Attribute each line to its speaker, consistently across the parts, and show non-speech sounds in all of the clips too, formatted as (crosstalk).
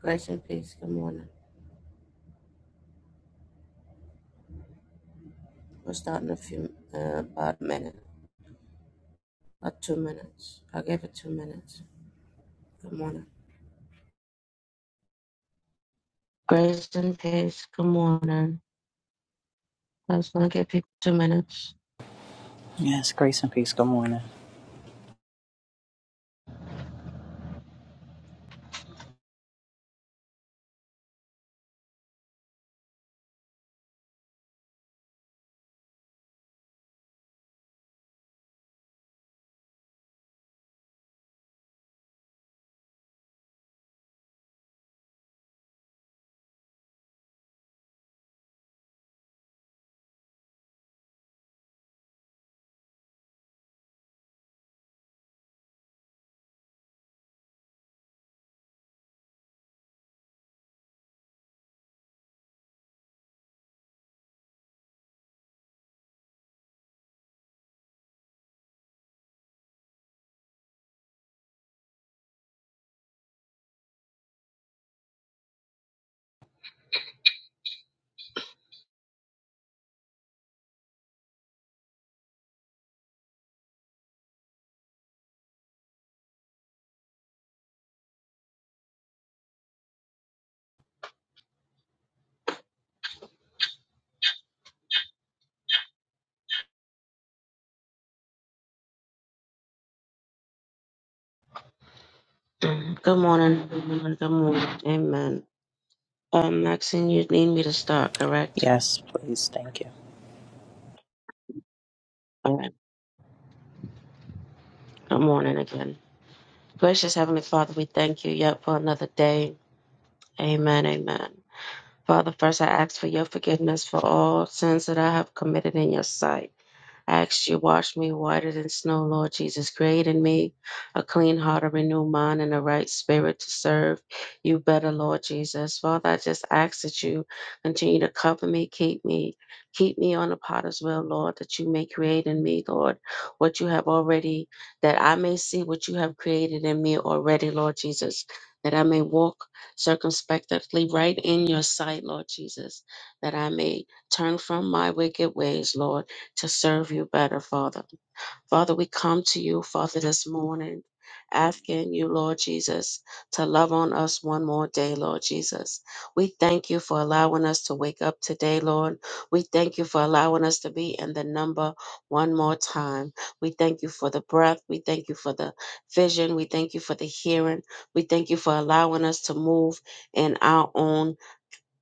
Speaker 1: Grace and peace. Good morning. We're starting a few, uh, about a minute, about two minutes. I gave it two minutes. Good morning. Grace and peace. Good morning. I was gonna give people two minutes.
Speaker 2: Yes, grace and peace. Good morning.
Speaker 1: Mhm. Good morning. Good morning. Good morning. Amen. Um, Maxine, you need me to start, correct?
Speaker 2: Yes, please. Thank you.
Speaker 1: All right. Good morning again. Gracious Heavenly Father, we thank you yet for another day. Amen. Amen. Father, first I ask for your forgiveness for all sins that I have committed in your sight. ask you, wash me whiter than snow, Lord Jesus. Create in me a clean heart, a renewed mind, and a right spirit to serve you better, Lord Jesus. Father, I just ask that you continue to cover me, keep me, keep me on the potter's wheel, Lord, that you may create in me, Lord, what you have already, that I may see what you have created in me already, Lord Jesus. That I may walk circumspectly right in your sight, Lord Jesus. That I may turn from my wicked ways, Lord to serve you better, Father. Father, we come to you, Father, this morning, asking you, Lord Jesus, to love on us one more day, Lord Jesus. We thank you for allowing us to wake up today, Lord. We thank you for allowing us to be in the number one more time. We thank you for the breath. We thank you for the vision. We thank you for the hearing. We thank you for allowing us to move in our own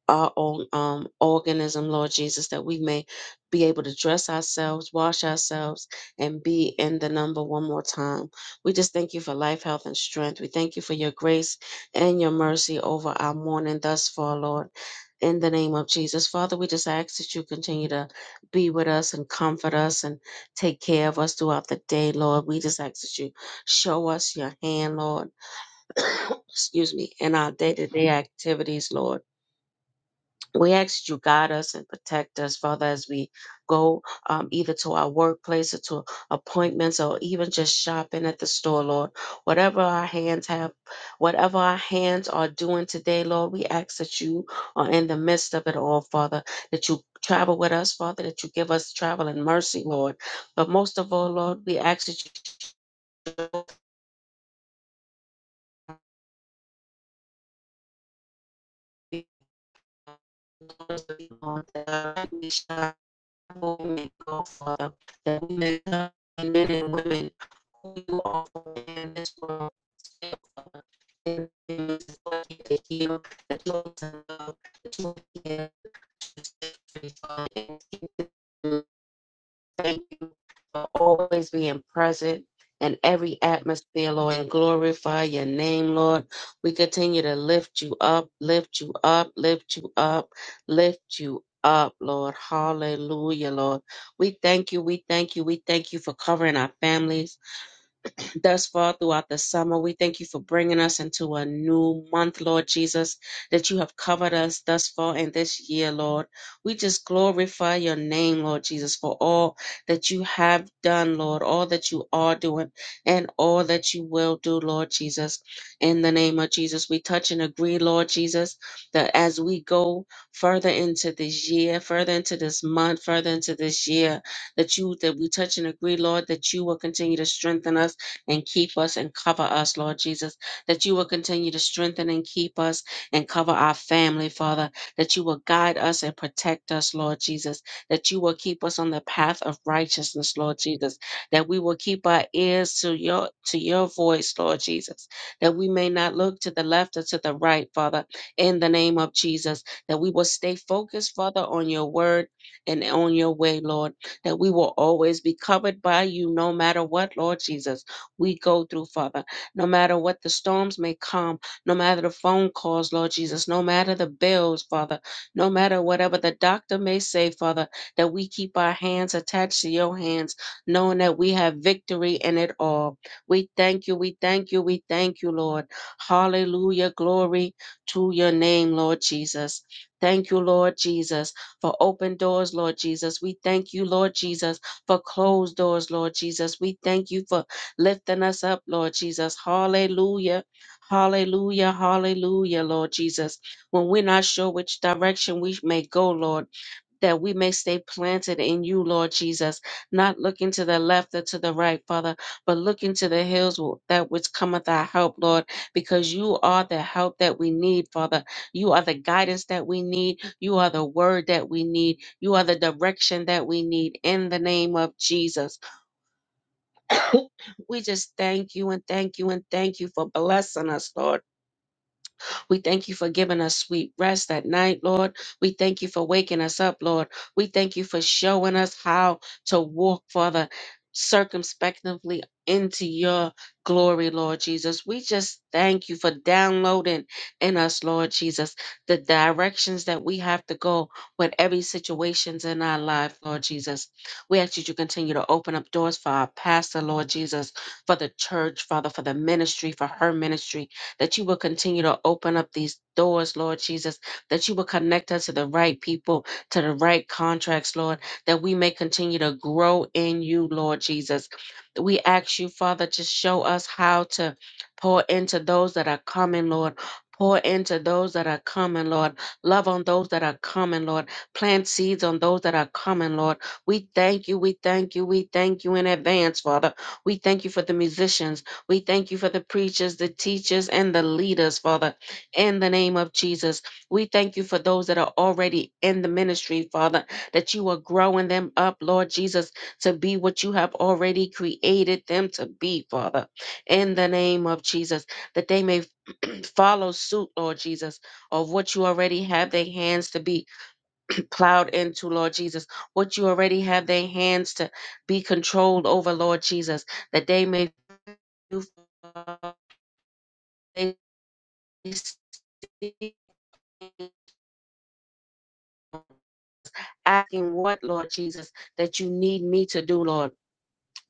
Speaker 1: our own um, organism, Lord Jesus, that we may be able to dress ourselves, wash ourselves, and be in the number one more time. We just thank you for life, health, and strength. We thank you for your grace and your mercy over our morning thus far, Lord. In the name of Jesus. Father, we just ask that you continue to be with us and comfort us and take care of us throughout the day, Lord. We just ask that you show us your hand, Lord. (coughs) Excuse me, in our day to day activities, Lord we ask that you guide us and protect us, Father, as we go um, either to our workplace or to appointments or even just shopping at the store, Lord. Whatever our hands have, whatever our hands are doing today, Lord, we ask that you are in the midst of it all, Father, that you travel with us, Father, that you give us travel and mercy, Lord. But most of all, Lord, we ask that you be on us, be on us, be on us, women also that women men and women who also in this world stand for and use what they hear, the tools that you the tools of the Thank you for always being present in every atmosphere, Lord, and glorify your name, Lord. We continue to lift you up, lift you up, lift you up, lift you up, Lord. Hallelujah, Lord. We thank you, we thank you, we thank you for covering our families thus far throughout the summer. We thank you for bringing us into a new month, Lord Jesus, that you have covered us thus far in this year, Lord. We just glorify your name, Lord Jesus, for all that you have done, Lord, all that you are doing, and all that you will do, Lord Jesus. In the name of Jesus, we touch and agree, Lord Jesus, that as we go further into this year, further into this month, further into this year, that you that we touch and agree, Lord, that you will continue to strengthen us and keep us and cover us, Lord Jesus, that you will continue to strengthen and keep us and cover our family, Father, that you will guide us and protect us, Lord Jesus, that you will keep us on the path of righteousness, Lord Jesus, that we will keep our ears to your to your voice, Lord Jesus, that we may not look to the left or to the right, Father, in the name of Jesus, that we will stay focused, Father, on your word and on your way, Lord, that we will always be covered by you no matter what, Lord Jesus we go through, Father. No matter what the storms may come, no matter the phone calls, Lord Jesus, no matter the bills, Father, no matter whatever the doctor may say, Father, that we keep our hands attached to your hands, knowing that we have victory in it all. We thank you, we thank you, we thank you, Lord. Hallelujah. Glory to your name, Lord Jesus. Thank you, Lord Jesus, for open doors, Lord Jesus. We thank you, Lord Jesus, for closed doors, Lord Jesus. We thank you for lifting us up, Lord Jesus. Hallelujah. Hallelujah. Hallelujah, Lord Jesus. When we're not sure which direction we may go, Lord, that we may stay planted in you, Lord Jesus, not looking to the left or to the right, Father, but looking to the hills wh- that which cometh our help, Lord, because you are the help that we need, Father. You are the guidance that we need. You are the word that we need. You are the direction that we need in the name of Jesus. (laughs) (coughs) we just thank you and thank you and thank you for blessing us, Lord. We thank you for giving us sweet rest at night, Lord. We thank you for waking us up, Lord. We thank you for showing us how to walk, Father, circumspectly into your glory, Lord Jesus. We just thank you for downloading in us, Lord Jesus, the directions that we have to go with every situations in our life, Lord Jesus. We ask that you continue to open up doors for our pastor, Lord Jesus, for the church, Father, for the ministry, for her ministry that you will continue to open up these doors, Lord Jesus, that you will connect us to the right people, to the right contracts, Lord, that we may continue to grow in you, Lord Jesus. We ask you, Father, to show us how to pour into those that are coming, Lord. Pour into those that are coming, Lord. Love on those that are coming, Lord. Plant seeds on those that are coming, Lord. We thank you, we thank you, we thank you in advance, Father. We thank you for the musicians. We thank you for the preachers, the teachers, and the leaders, Father, in the name of Jesus. We thank you for those that are already in the ministry, Father, that you are growing them up, Lord Jesus, to be what you have already created them to be, Father, in the name of Jesus, that they may (clears throat) follow suit, Lord Jesus, of what you already have their hands to be (clears throat) plowed into, Lord Jesus, what you already have their hands to be controlled over, Lord Jesus, that they may. do they see asking what, Lord Jesus, that you need me to do, Lord.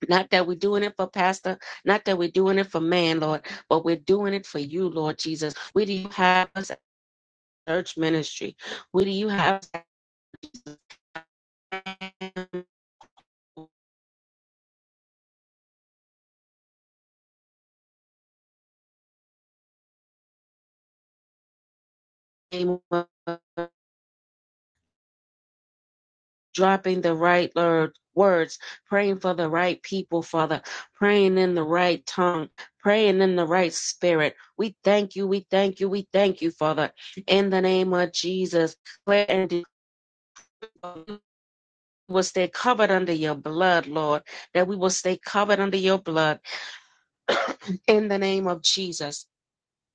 Speaker 1: Not that we're doing it for pastor, not that we're doing it for man, Lord, but we're doing it for you, Lord Jesus. Where do you have us at church ministry? Where do you have us dropping the right word, words, praying for the right people, Father, praying in the right tongue, praying in the right spirit. We thank you, we thank you, we thank you, Father, in the name of Jesus. Declare and decree we will stay covered under your blood, Lord, that we will stay covered under your blood in the name of Jesus.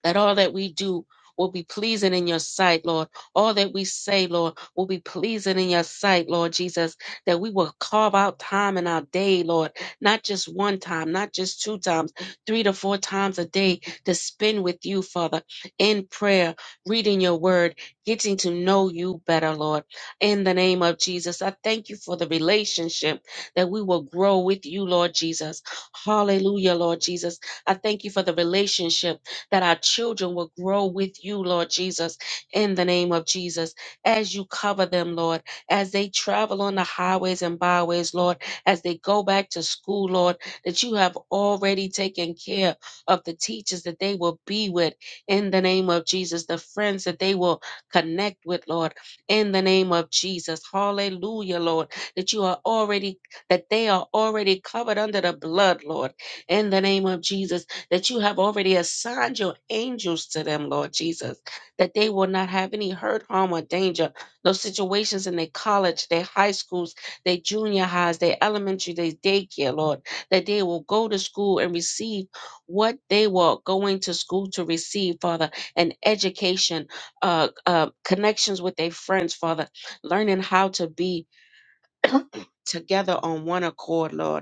Speaker 1: that all that we do will be pleasing in your sight, Lord. All that we say, Lord, will be pleasing in your sight, Lord Jesus, that we will carve out time in our day, Lord, not just one time, not just two times, three to four times a day to spend with you, Father, in prayer, reading your word, getting to know you better, Lord. In the name of Jesus, I thank you for the relationship that we will grow with you, Lord Jesus. Hallelujah, Lord Jesus. I thank you for the relationship that our children will grow with you, Lord Jesus, in the name of Jesus, as you cover them, Lord, as they travel on the highways and byways, Lord, as they go back to school, Lord, that you have already taken care of the teachers that they will be with in the name of Jesus, the friends that they will connect with, Lord, in the name of Jesus. Hallelujah, Lord, that you are already, that they are already covered under the blood, Lord, in the name of Jesus that you have already assigned your angels to them, Lord Jesus, that they will not have any hurt, harm, or danger. Those situations in their college, their high schools, their junior highs, their elementary, their daycare, Lord, that they will go to school and receive what they were going to school to receive, Father, an education, uh, uh, connections with their friends, Father, learning how to be together on one accord, Lord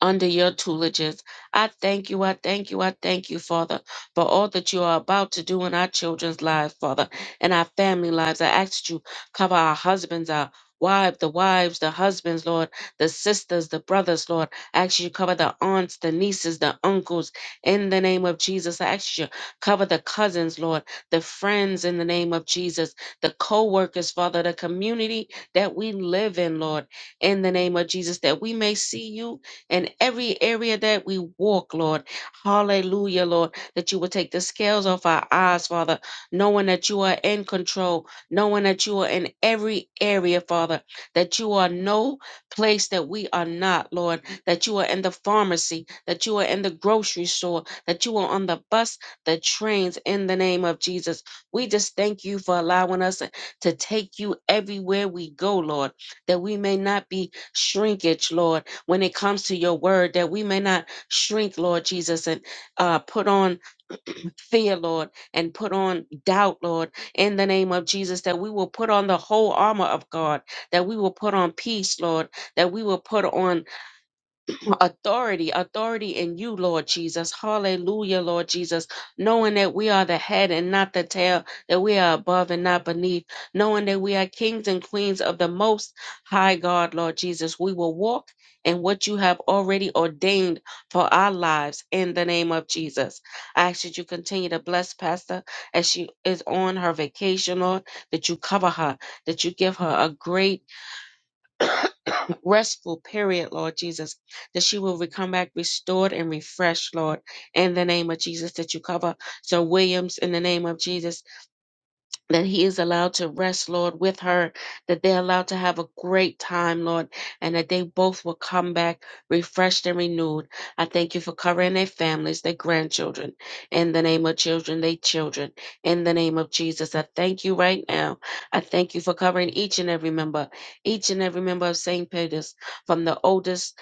Speaker 1: under your tutelages. I thank you, I thank you, I thank you, Father, for all that you are about to do in our children's lives, Father, and our family lives. I ask that you cover our husbands, our wives, the wives, the husbands, Lord, the sisters, the brothers, Lord. I ask you to cover the aunts, the nieces, the uncles, in the name of Jesus. I ask you to cover the cousins, Lord, the friends, in the name of Jesus, the co workers, Father, the community that we live in, Lord, in the name of Jesus, that we may see you in every area that we walk, Lord. Hallelujah, Lord, that you would take the scales off our eyes, Father, knowing that you are in control, knowing that you are in every area, Father, that you are no place that we are not, Lord, that you are in the pharmacy, that you are in the grocery store, that you are on the bus, the trains, in the name of Jesus. We just thank you for allowing us to take you everywhere we go, Lord, that we may not be shrinkage, Lord when it comes to your word, that we may not shrink, Lord Jesus, and uh, put on fear, Lord, and put on doubt, Lord, in the name of Jesus, that we will put on the whole armor of God, that we will put on peace, Lord, that we will put on (clears throat) authority, authority in you, Lord Jesus. Hallelujah, Lord Jesus. Knowing that we are the head and not the tail, that we are above and not beneath, knowing that we are kings and queens of the most high God, Lord Jesus. We will walk in what you have already ordained for our lives in the name of Jesus. I ask that you continue to bless Pastor as she is on her vacation, Lord, that you cover her, that you give her a great restful period, Lord Jesus, that she will come back restored and refreshed, Lord, in the name of Jesus, that you cover Sir Williams in the name of Jesus that he is allowed to rest, Lord, with her, that they're allowed to have a great time, Lord, and that they both will come back refreshed and renewed. I thank you for covering their families, their grandchildren, in the name of children, their children, in the name of Jesus. I thank you right now. I thank you for covering each and every member, each and every member of St. Peter's, from the oldest.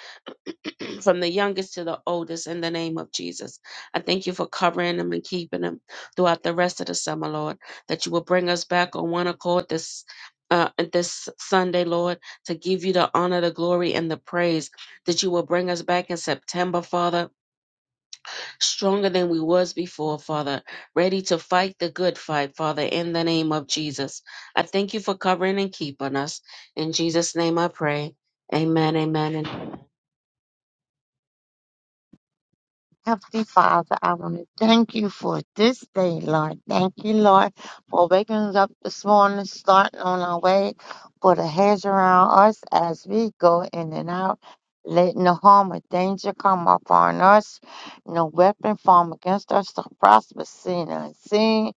Speaker 1: (clears throat) from the youngest to the oldest in the name of Jesus. I thank you for covering them and keeping them throughout the rest of the summer, Lord, that you will bring us back on one accord this. Uh, this Sunday, Lord, to give you the honor, the glory, and the praise that you will bring us back in September, Father, stronger than we was before, Father, ready to fight the good fight, Father, in the name of Jesus. I thank you for covering and keeping us. In Jesus' name I pray. Amen, amen, and amen.
Speaker 3: Heavenly Father, I want to thank you for this day, Lord. Thank you, Lord, for waking us up this morning, starting on our way, put a hedge around us as we go in and out, letting no harm or danger come upon us. No weapon formed against us to prosper, seen and unseen.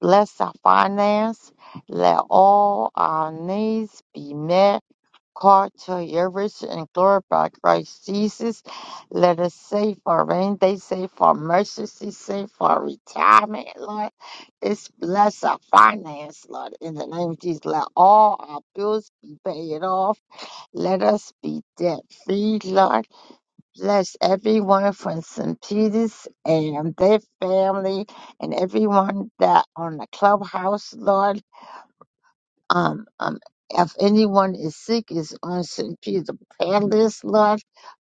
Speaker 3: Bless our finance. Let all our needs be met Cartier's and glorify Christ Jesus. Let us save our rain day, save our mercy, save our retirement, Lord. It's bless our finance, Lord. In the name of Jesus, let all our bills be paid off. Let us be debt free, Lord. Bless everyone from St. Peter's and their family and everyone that on the clubhouse, Lord. Um, um, if anyone is sick, is on St. Peter Palace, Lord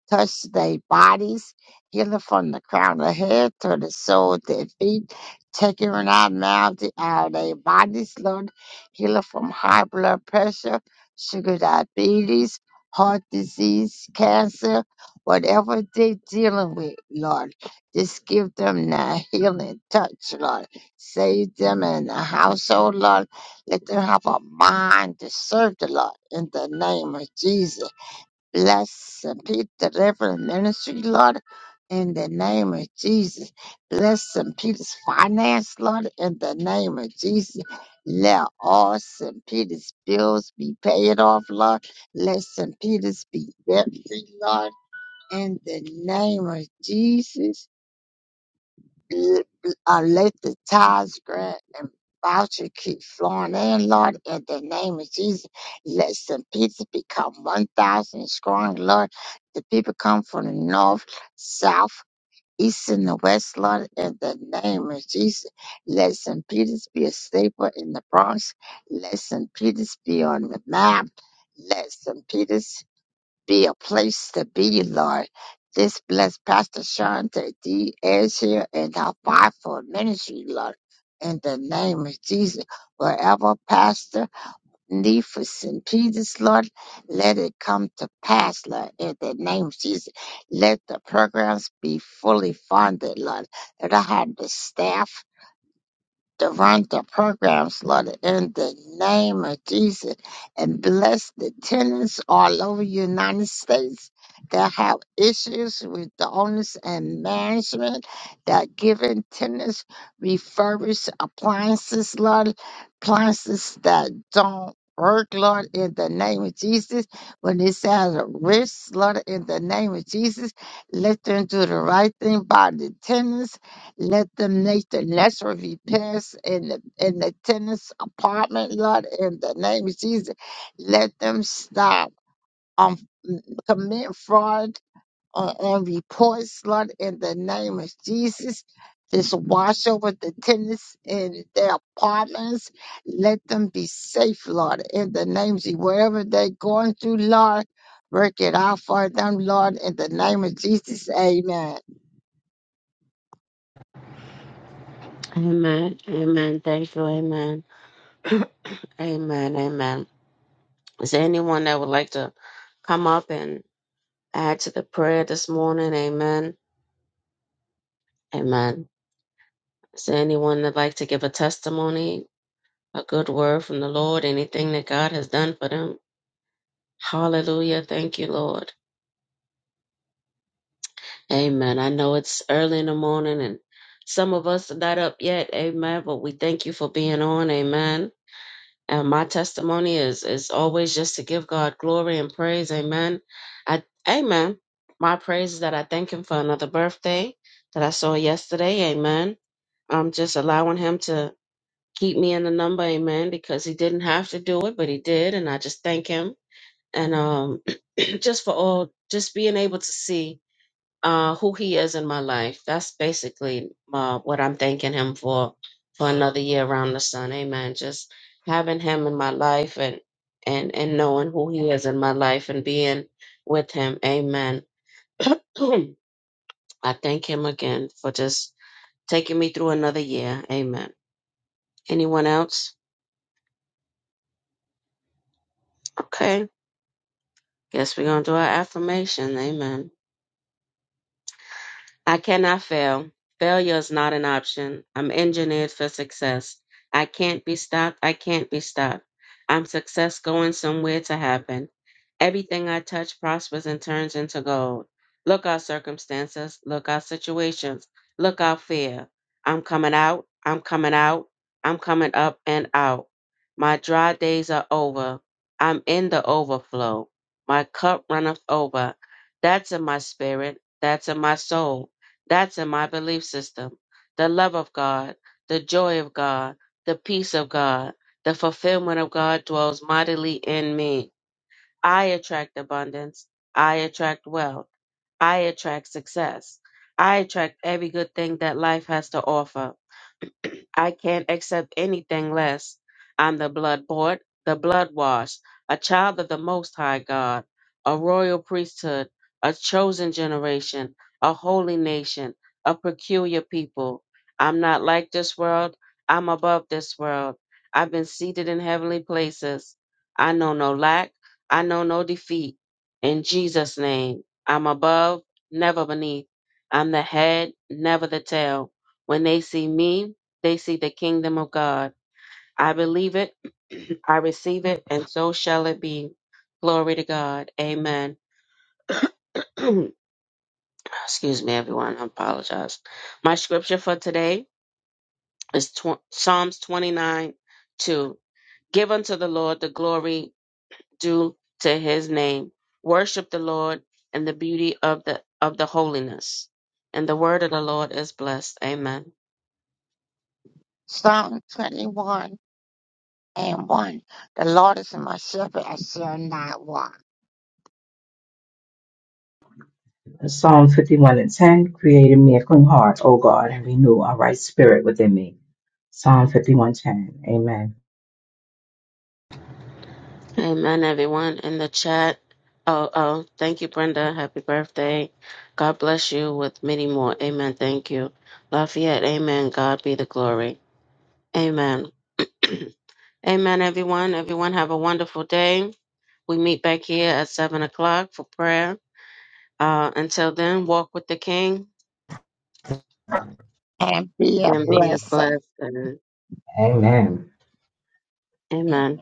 Speaker 3: touch their bodies, healing from the crown of head to the sole of their feet, taking it out now the out of their bodies, Lord, healing from high blood pressure, sugar diabetes, heart disease, cancer, whatever they're dealing with, Lord. Just give them that healing touch, Lord. Save them in the household, Lord. Let them have a mind to serve the Lord in the name of Jesus. Bless and Pete, the Reverend Ministry, Lord, in the name of Jesus. Bless and Peter's finance, Lord, in the name of Jesus. Let all St. Peter's bills be paid off, Lord. Let St. Peter's be debt free, Lord, in the name of Jesus be it be, uh, let the tithes, grant, and voucher keep flowing in, Lord, in the name of Jesus. Let St. Peter become 1,000 strong, Lord. The people come from the north, south, east, and the west, Lord, in the name of Jesus. Let St. Peter's be a staple in the Bronx. Let St. Peter's be on the map. Let St. Peter's be a place to be, Lord. This bless Pastor Shanta D. is here and our fivefold ministry, Lord. In the name of Jesus, wherever Pastor Cephas and Peters, Lord, let it come to pass, Lord. In the name of Jesus, let the programs be fully funded, Lord. That I have the staff to run the programs, Lord, in the name of Jesus, and bless the tenants all over the United States that have issues with the owners and management that giving tenants refurbished appliances, Lord, appliances that don't work, Lord, in the name of Jesus. When it's at a risk, Lord, in the name of Jesus, let them do the right thing by the tenants let them Nathan Lesser be passed in the in the tenants apartment lot in the name of Jesus. Let them stop um m- commit fraud on, on reports, Lord, in the name of Jesus. Just wash over the tenants in their apartments. Let them be safe, Lord, in the name of Jesus. Wherever they're going through, Lord, work it out for them, Lord, in the name of Jesus. Amen.
Speaker 1: Amen. Amen. Thank you. Amen. Amen. Amen. Is there anyone that would like to come up and add to the prayer this morning? Amen. Amen. Is there anyone that'd like to give a testimony, a good word from the Lord, anything that God has done for them? Hallelujah. Thank you, Lord. Amen. I know it's early in the morning and some of us are not up yet. Amen. But we thank you for being on. Amen. And my testimony is is always just to give God glory and praise. Amen. I amen. My praise is that I thank him for another birthday that I saw yesterday. Amen. I'm just allowing him to keep me in the number, amen, because he didn't have to do it, but he did, and I just thank him. And um (clears throat) just for all just being able to see uh, who he is in my life. That's basically uh, what I'm thanking him for for another year around the sun. Amen. Just having him in my life and and and knowing who he is in my life and being with him. Amen. (clears throat) I thank him again for just taking me through another year. Amen. Anyone else? Okay. Guess we're gonna do our affirmation. Amen. I cannot fail. Failure is not an option. I'm engineered for success. I can't be stopped. I can't be stopped. I'm success going somewhere to happen. Everything I touch prospers and turns into gold. Look out circumstances. Look out situations. Look out fear. I'm coming out. I'm coming out. I'm coming up and out. My dry days are over. I'm in the overflow. My cup runneth over. That's in my spirit. That's in my soul. That's in my belief system. The love of God, the joy of God, the peace of God, the fulfillment of God dwells mightily in me. I attract abundance. I attract wealth. I attract success. I attract every good thing that life has to offer. (clears throat) I can't accept anything less. I'm the blood bought, the blood washed, a child of the Most High God, a royal priesthood, a chosen generation, a holy nation, a peculiar people. I'm not like this world. I'm above this world. I've been seated in heavenly places. I know no lack. I know no defeat. In Jesus' name, I'm above, never beneath. I'm the head, never the tail. When they see me, they see the kingdom of God. I believe it, (clears throat) I receive it, and so shall it be. Glory to God. Amen. (clears throat) Excuse me, everyone. I apologize. My scripture for today is tw- Psalms 29 2. Give unto the Lord the glory due to his name. Worship the Lord in the beauty of the of the holiness. And the word of the Lord is blessed. Amen.
Speaker 3: Psalm 21. and 1. The Lord is my shepherd, I shall not want.
Speaker 4: Psalm 51 and 10, create in me a clean heart, O God, and renew a right spirit within me. Psalm 51:10. Amen.
Speaker 1: Amen, everyone in the chat. Oh, oh, thank you, Brenda. Happy birthday. God bless you with many more. Amen. Thank you. Lafayette, amen. God be the glory. Amen. (clears throat) amen, everyone. Everyone have a wonderful day. We meet back here at 7 o'clock for prayer. Uh, until then, walk with the King
Speaker 3: And be a
Speaker 1: and be
Speaker 3: blessing.
Speaker 1: blessed.
Speaker 4: Amen.
Speaker 3: Amen.
Speaker 1: amen.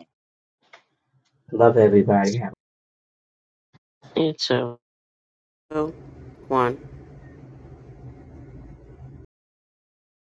Speaker 4: Love everybody. Have
Speaker 1: You too. Two, One.